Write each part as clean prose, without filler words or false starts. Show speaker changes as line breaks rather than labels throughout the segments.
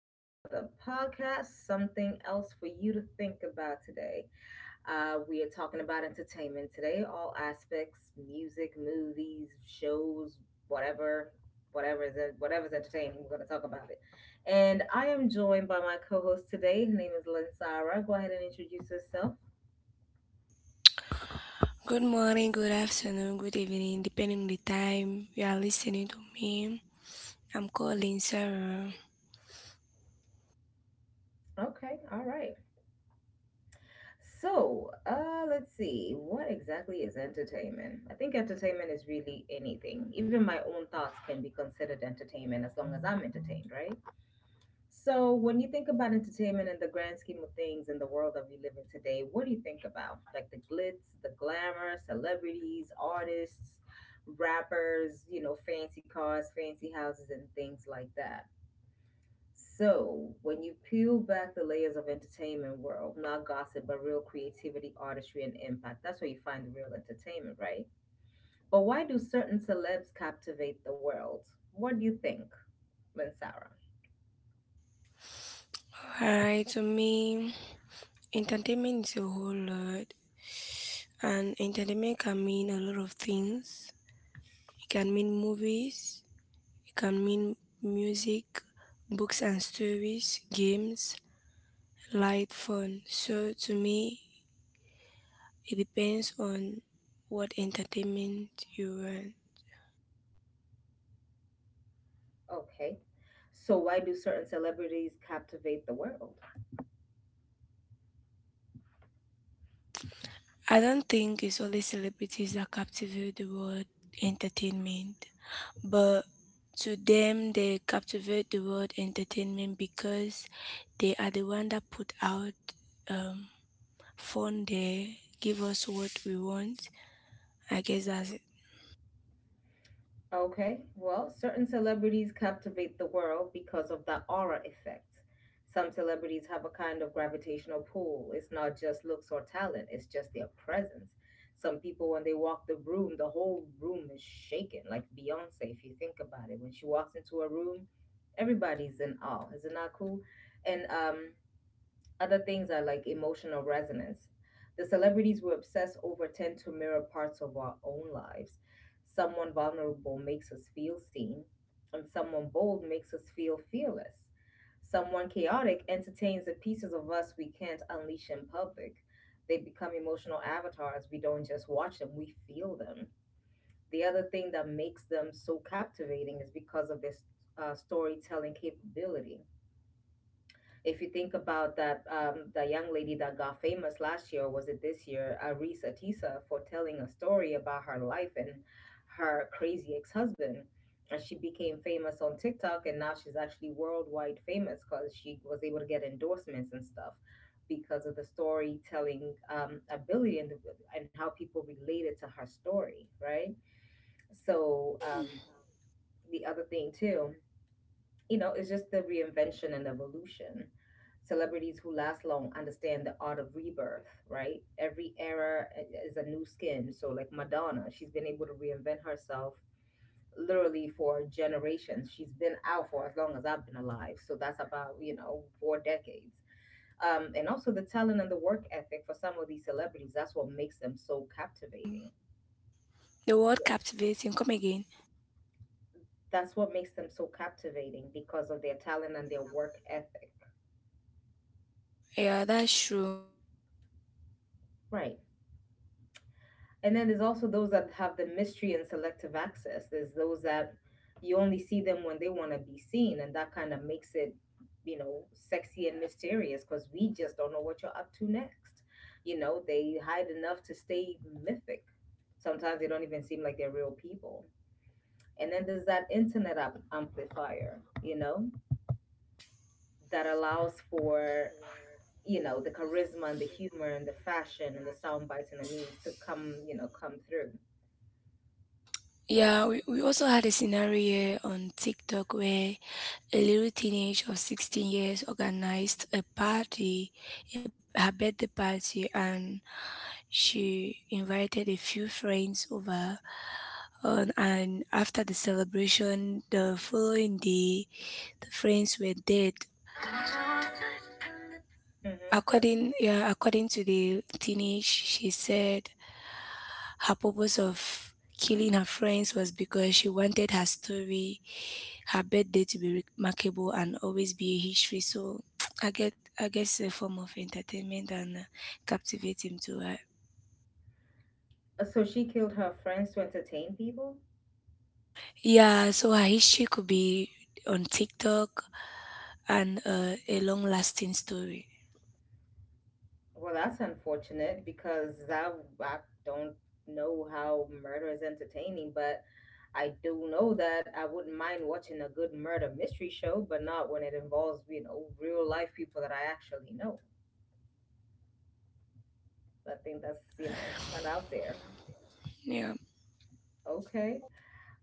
with another podcast, something else for you to think about today. We are talking about entertainment today, all aspects music, movies, shows, whatever. Whatever is whatever's entertaining, we're going to talk about it. And I am joined by my co-host today. Her name is Linsara. Go ahead and introduce yourself.
Good morning, good afternoon, good evening, depending on the time you are listening to me. I'm calling Sarah.
Okay, all right. So, let's see. What exactly is entertainment? I think entertainment is really anything. Even my own thoughts can be considered entertainment as long as I'm entertained, right? So, when you think about entertainment in the grand scheme of things in the world that we live in today, what do you think about? Like the glitz, the glamour, celebrities, artists, rappers, fancy cars, fancy houses, and things like that. So, when you peel back the layers of entertainment world, not gossip, but real creativity, artistry, and impact, that's where you find the real entertainment, right? But why do certain celebs captivate the world? What do you think, Lynn Sarah?
Alright, to me, entertainment is a whole lot, and entertainment can mean a lot of things. It can mean movies, it can mean music, books and stories, games, light fun. So to me, it depends on what entertainment you want.
Okay. So, why do certain celebrities captivate the world?
I don't think it's only celebrities that captivate the world entertainment, but to them they captivate the world entertainment because they are the one that put out um fun there, give us what we want. I guess that's it.
Okay, well, certain celebrities captivate the world because of that aura effect. Some celebrities have a kind of gravitational pull. It's not just looks or talent, it's just their presence. Some people, when they walk the room, the whole room is shaking, like Beyonce, if you think about it. When she walks into a room, everybody's in awe. Isn't that cool? And Other things are like emotional resonance. The celebrities we obsess over tend to mirror parts of our own lives. Someone vulnerable makes us feel seen, and someone bold makes us feel fearless. Someone chaotic entertains the pieces of us we can't unleash in public. They become emotional avatars. We don't just watch them, we feel them. The other thing that makes them so captivating is because of their storytelling capability, if you think about that. Um, the young lady that got famous last year, or was it this year, Aris Atisa, for telling a story about her life and her crazy ex husband. And she became famous on TikTok, and now she's actually worldwide famous because she was able to get endorsements and stuff because of the storytelling ability, and how people related to her story, right? So, the other thing, too, it's just the reinvention and evolution. Celebrities who last long understand the art of rebirth, right? Every era is a new skin. So, like Madonna, she's been able to reinvent herself literally for generations. She's been out for as long as I've been alive. So, that's about four decades. And also the talent and the work ethic for some of these celebrities, that's what makes them so captivating.
The word
Yeah.
captivating, come again.
That's what makes them so captivating because of their talent and their work ethic.
Yeah, that's true. If we also had a
Right.
scenario on
And
TikTok
then there's
where
also those that have the
a
mystery and
teenager of
selective access. There's
16
those
years
that
old
you only see them when
organized a
they want to
birthday
be seen, and
party.
that kind of makes it sexy and mysterious because we just don't know what you're up to next. You know,
Yeah.
they hide enough to stay mythic. Sometimes they don't even seem like they're real people. And then there's that internet up amplifier, that allows for, the charisma and the humor and the fashion and the sound bites and the memes to come through.
Yeah, we also had a scenario here on TikTok where a little teenager of 16 years organized a party, a, her birthday party, and she invited a few friends over. And after the celebration, the following day, the friends were dead.
Hmm.
According, yeah, according to the teenage, she said her purpose of killing her friends was because she wanted her story, her birthday to be remarkable and always be a history. So I guess a form of entertainment and captivate him to her.
So she killed her friends to entertain people?
Yeah, so her history could be on TikTok and a long lasting story.
Well, that's unfortunate because I don't know how murder is entertaining, but I do know that I wouldn't mind watching a good murder mystery show, but not when it involves real life people that I actually know. I think that's, kind of out there.
Yeah.
Okay.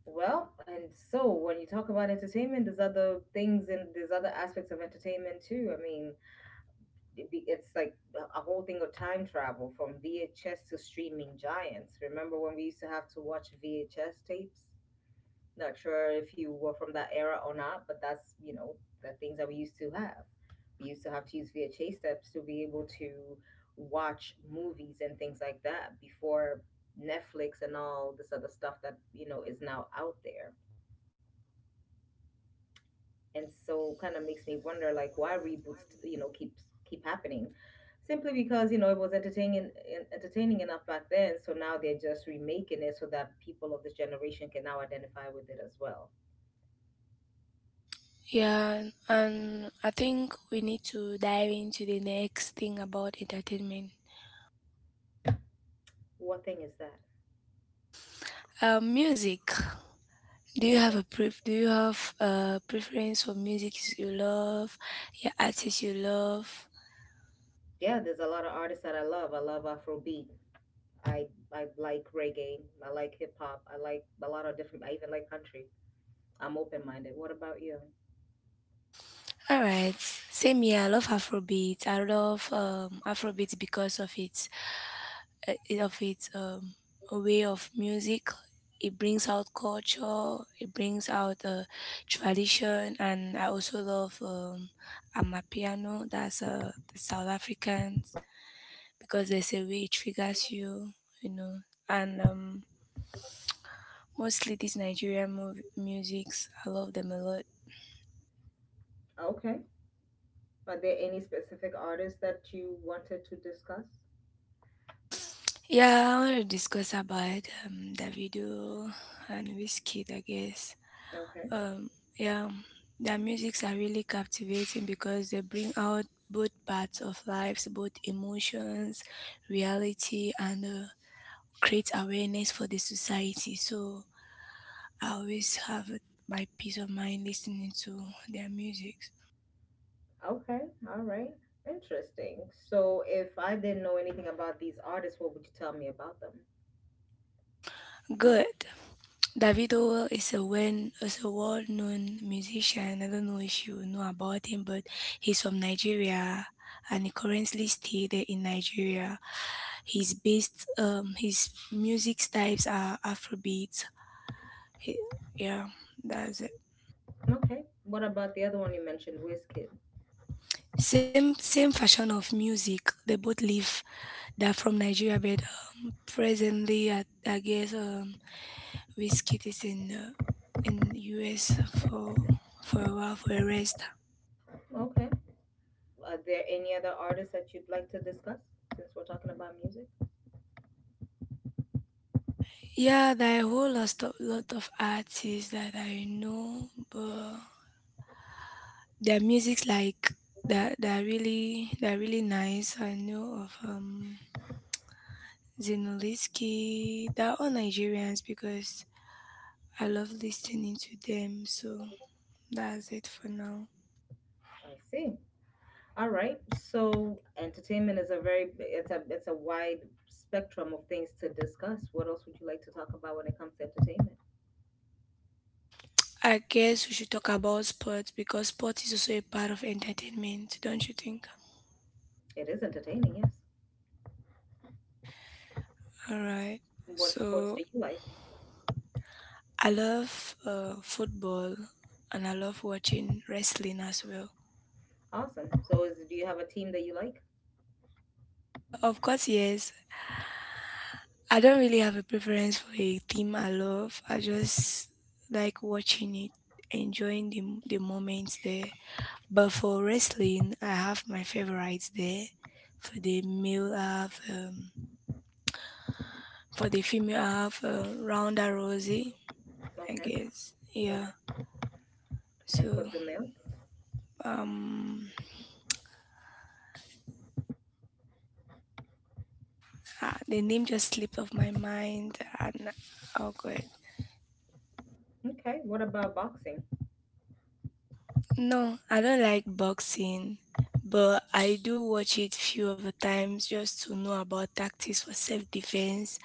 Well, and so when you talk about entertainment, there's other things and there's other aspects of entertainment too. I mean, it's like a whole thing of time travel from VHS to streaming giants. Remember when we used to have to watch VHS tapes? Not sure if you were from that era or not, but that's the things that we used to have. We used to have to use VHS tapes to be able to watch movies and things like that before Netflix and all this other stuff that is now out there. And so kind of makes me wonder like why reboots keep happening, simply because it was entertaining entertaining enough back then, so now they're just remaking it so that people of this generation can now identify with it as well.
Yeah, and I think we need to dive into the next thing about entertainment.
What thing is that?
Music.
Okay.
Do you have a preference for music you love? Your artists you love?
Yeah, there's a lot of artists that I love. I love afrobeat. I i like reggae. I like hip-hop. I like a lot of different. I even like country. I'm open-minded. What about you?
All right, same here. I love Afrobeat. I love Afrobeat because of its uh, of its um, way of music. It brings out culture. It brings out tradition, and I also love Amapiano. That's the South Africans, because there's a way it triggers you, you know. And mostly these musics. I love them a lot.
Okay. Are there any specific artists that you wanted to discuss?
Yeah, I want to discuss about Davido and Wizkid, I guess.
Okay.
Um, yeah, their musics are really captivating because they bring out both parts of lives, both emotions, reality, and create awareness for the society. So I always have my peace of mind listening to their music.
Okay, all right. Interesting. So if I didn't know anything about these artists, what would you tell me about them?
Good. David Ower is a world known musician. I don't know if you know about him, but he's from Nigeria and he currently stay there in Nigeria. He's based, his music types are Afrobeat. He, yeah, that's it.
Okay. What about the other one you mentioned, Wizkid?
Same fashion of music. They both live They're from Nigeria, but presently I guess Whiskey is in US for a while, for a rest.
Okay. Are there any other artists that you'd like to discuss since we're talking about music?
Yeah, there are a whole lot of artists that I know, but their music's like that. They're really nice. I know of Zinoliski. They're all Nigerians because I love listening to them. So that's it for now.
I see. All right. So entertainment is a very it's a wide spectrum of things to discuss. What else would you like to talk about when it comes to entertainment?
I guess we should talk about sports because sport is also a part of entertainment, don't you think?
It is entertaining, yes.
All right.
What sports
So
do you like?
I love football and I love watching wrestling as well.
Awesome. So is Do you have a team that you like?
Of course, yes. I don't really have a preference for a team I love. I just like watching it, enjoying the moments there. But for wrestling, I have my favorites there. For the male, I have, for the female, I have Ronda Rousey, I
Okay.
guess. Yeah.
And
So,
put the male.
um, the name just slipped off my mind, and oh god.
Okay, what about boxing?
No, I don't like boxing, but I do watch it few of the times just to know about tactics for self-defense,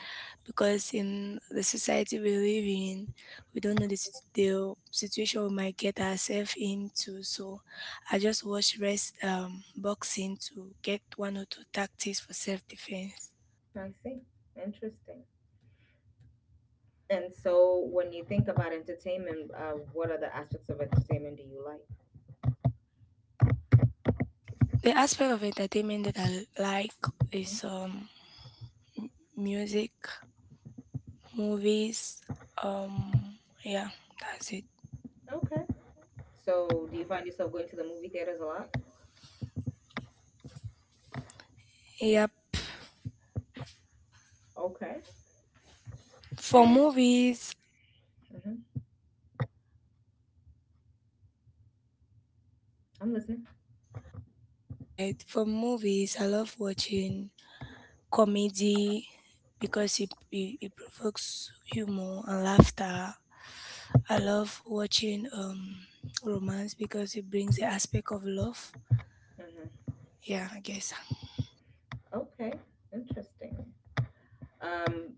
because in the society we live in, we don't know the situation we might get ourselves into. So I just watch rest boxing to get one or two tactics for self-defense.
I see. Interesting. And so, when you think about entertainment, what are the aspects of entertainment do you like?
The aspect of entertainment that I like
Hmm.
is music, movies, um, yeah, that's it.
Okay. So, do you find yourself going to the movie theaters a lot?
Yep.
Okay.
For
And
movies,
Mhm. I'm listening.
right? For movies, I love watching comedy because it provokes humor and laughter. I love watching romance because it brings the aspect of love.
Hmm.
Yeah, I guess.
Okay. Interesting. Um.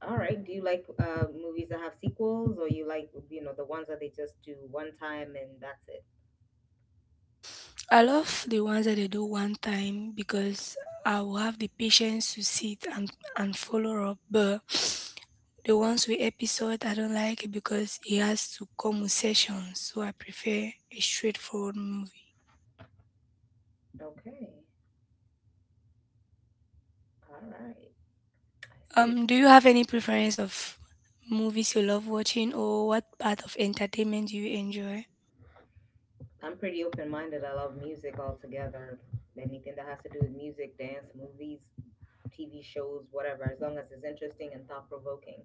All right. Do you like movies that have sequels, or you like the ones that they just do one time and that's it?
I love the ones that they do one time because I will have the patience to sit and follow up. But the ones with episode I don't like it because it has to come with sessions, so I prefer a straightforward movie.
Okay. All right. I see.
Do you have any preference of movies you love watching, or what part of entertainment do you enjoy?
I'm pretty open minded. I love music altogether. Anything that has to do with music, dance, movies, TV shows, whatever, as long as it's interesting and thought provoking.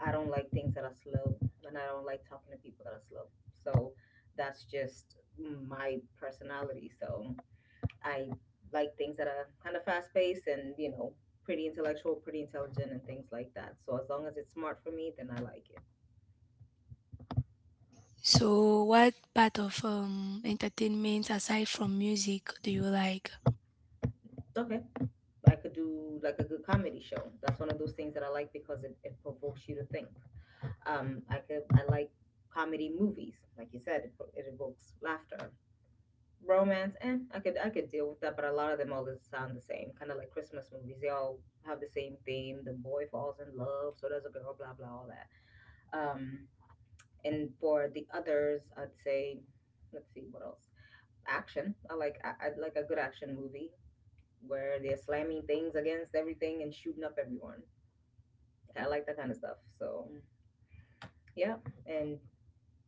I don't like things that are slow, and I don't like talking to people that are slow. So that's just my personality. So I like things that are kind of fast paced and pretty intellectual, pretty intelligent, and things like that. So as long as it's smart for me, then I like it.
So, what part of entertainment aside from music do you like?
Okay. I could do like a good comedy show. That's one of those things that I like because it provokes you to think. I like comedy movies, like you said. It, pro- it evokes laughter. Romance, and I could deal with that, but a lot of them all just sound the same, kind of like Christmas movies. They all have the same theme. The boy falls in love, so does a girl, blah blah, all that. Um, and for the others, I'd say, let's see what else. Action. I like a good action movie where they're slamming things against everything and shooting up everyone. I like that kind of stuff. So Mm, yeah, and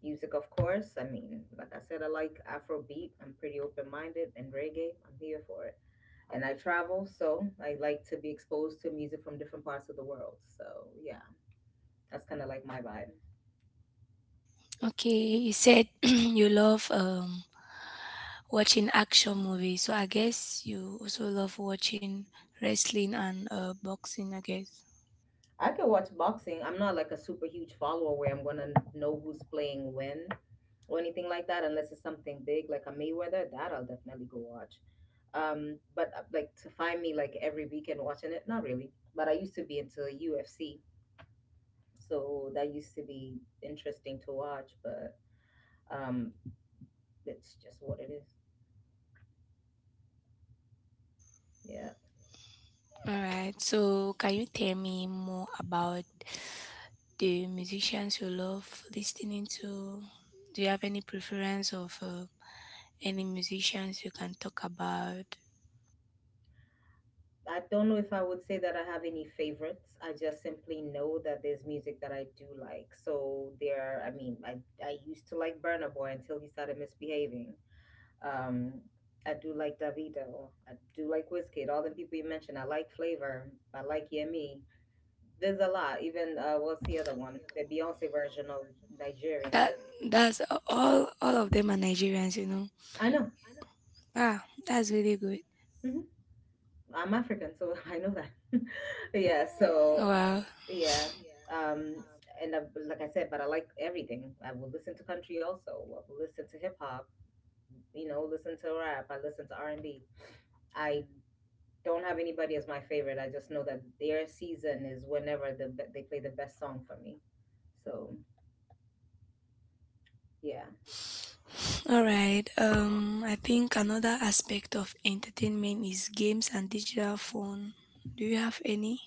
music, of course. I mean, like I said, I like Afrobeat. I'm pretty open minded and reggae. I'm here for it. And I travel, so I like to be exposed to music from different parts of the world. So yeah, that's kind of like my vibe.
Okay, you said you love watching action movies. So I guess you also love watching wrestling and boxing, I guess.
I can watch boxing. I'm not like a super huge follower where I'm gonna know who's playing when or anything like that, unless it's something big like a Mayweather. That I'll definitely go watch. But like to find me like every weekend watching it, not really. But I used to be into UFC, so that used to be interesting to watch. But um, it's just what it is. Yeah.
All right. So can you tell me more about the musicians you love listening to? Do you have any preference of any musicians you can talk about?
I don't know if I would say that I have any favorites. I just simply know that there's music that I do like. So there, I mean, I used to like Burna Boy until he started misbehaving. Um, I do like Davido. I do like Wizkid. All the people you mentioned. I like Flavor. I like Yemi. There's a lot. Even what's the other one? The Beyonce version of Nigerian.
That that's all. All of them are Nigerians, you know.
I know.
Ah, that's really good.
Hmm. I'm African, so I know that. Yeah. So
Wow.
yeah. Um, and I, like I said, but I like everything. I will listen to country also. I will listen to hip hop. You know, listen to rap. I listen to R&B. I don't have anybody as my favorite. I just know that their season is whenever the they play the best song for me. So yeah.
All right. I think another aspect of entertainment is games and digital phone. Do you have any?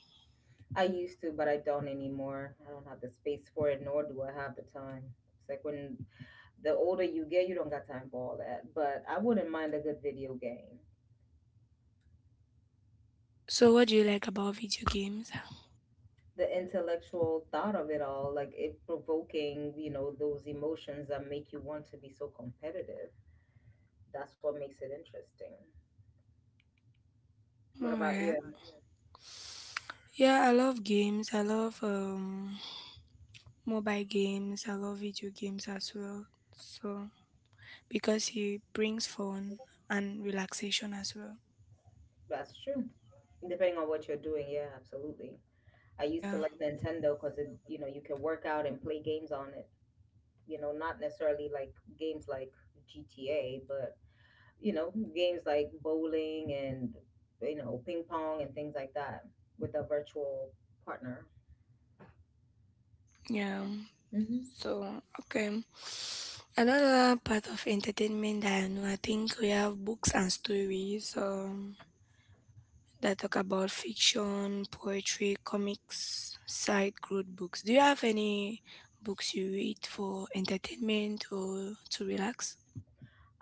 I used to, but I don't anymore. I don't have the space for it, nor do I have the time. It's like when the older you get, you don't got time for all that. But I wouldn't mind a good video game.
So, what do you like about video games?
The intellectual thought of it all, like it provoking those emotions that make you want to be so competitive. That's what makes it interesting. What
All
about
right.
you?
Yeah, I love games. I love mobile games. I love video games as well. So because it brings fun and relaxation as well.
That's true. Depending on what you're doing, yeah, absolutely. I used to
Yeah.
like Nintendo because it, you can work out and play games on it. You know, not necessarily like games like GTA, but games like bowling and ping pong and things like that with a virtual partner.
Yeah. So okay. Another part of entertainment that I know, I think we have books and stories. That talk about fiction, poetry, comics, side growth books. Do you have any books you read for entertainment or to relax?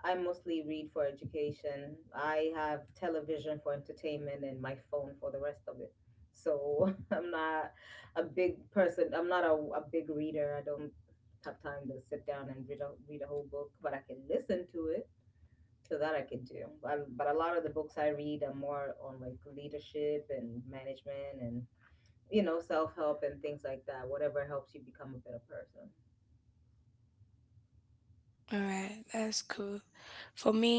I mostly read for education. I have television for entertainment and my phone for the rest of it. So I'm not a big person. I'm not a big reader. I don't have time to sit down and read a whole book, but I can listen to it. So that I can do. But a lot of the books I read are more on like leadership and management and self help and things like that, whatever helps you become a better person.
All right, that's cool. For me,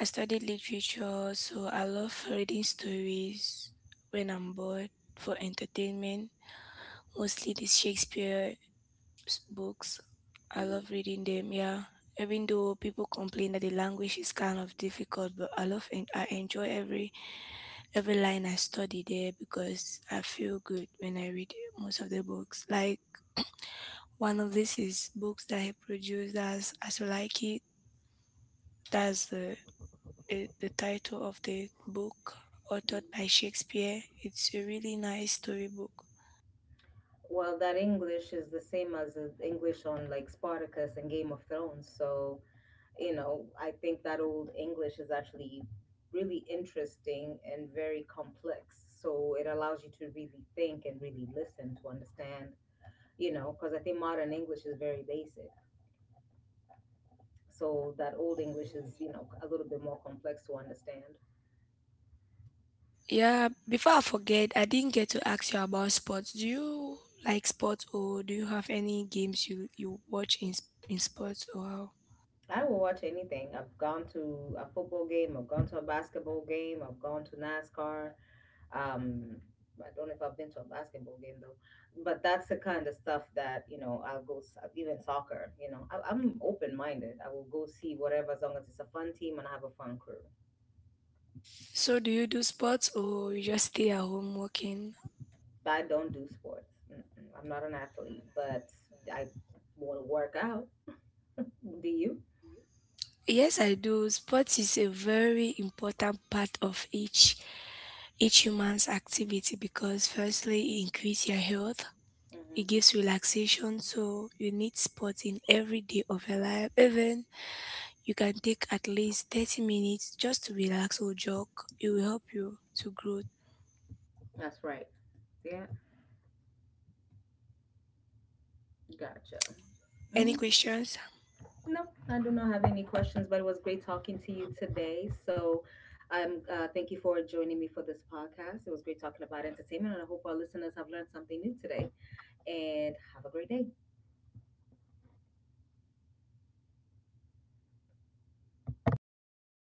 I studied literature, so I love reading stories when I'm bored for entertainment. Mostly the books. I
Mhm.
love reading them. Yeah, even though people complain that the language is kind of difficult, but I love and I enjoy every line I study there because I feel good when I read most of the books. Like one of this is books that he produced As You Like It. That's the title of the book authored by Shakespeare. It's a really nice storybook.
Well, that English is the same as the English on like Spartacus and Game of Thrones. So, I think that old English is actually really interesting and very complex. So it allows you to really think and really listen to understand, because I think modern English is very basic. So that old English is a little bit more complex to understand.
Yeah, before I forget, I didn't get to ask you about sports. Do you like sports or do you have any games you watch in in sports or how?
I will watch anything. I've gone to a football game, I've gone to a basketball game, I've gone to NASCAR. Um, I don't know if I've been to a basketball game though, but that's the kind of stuff that you know I'll go. Even soccer, you know, I'm open minded. I will go see whatever as long as it's a fun team and I have a fun crew.
So do you do sports or you just stay at home working?
But I don't do sports. Mm-mm. I'm not an athlete, but I want to work out. Do you?
Yes, I do. Sports is a very important part of each human's activity because firstly, it increase your health. It
Hmm.
gives relaxation, so you need sports in every day of your life, even you can take at least 30 minutes just to relax or jog. It will help you to grow.
That's right. Yeah, Gotcha.
Any
Hmm.
questions?
No, I do not have any questions, but it was great talking to you today. So, thank you for joining me for this podcast. It was great talking about entertainment, and I hope our listeners have learned something new today. And have a great day.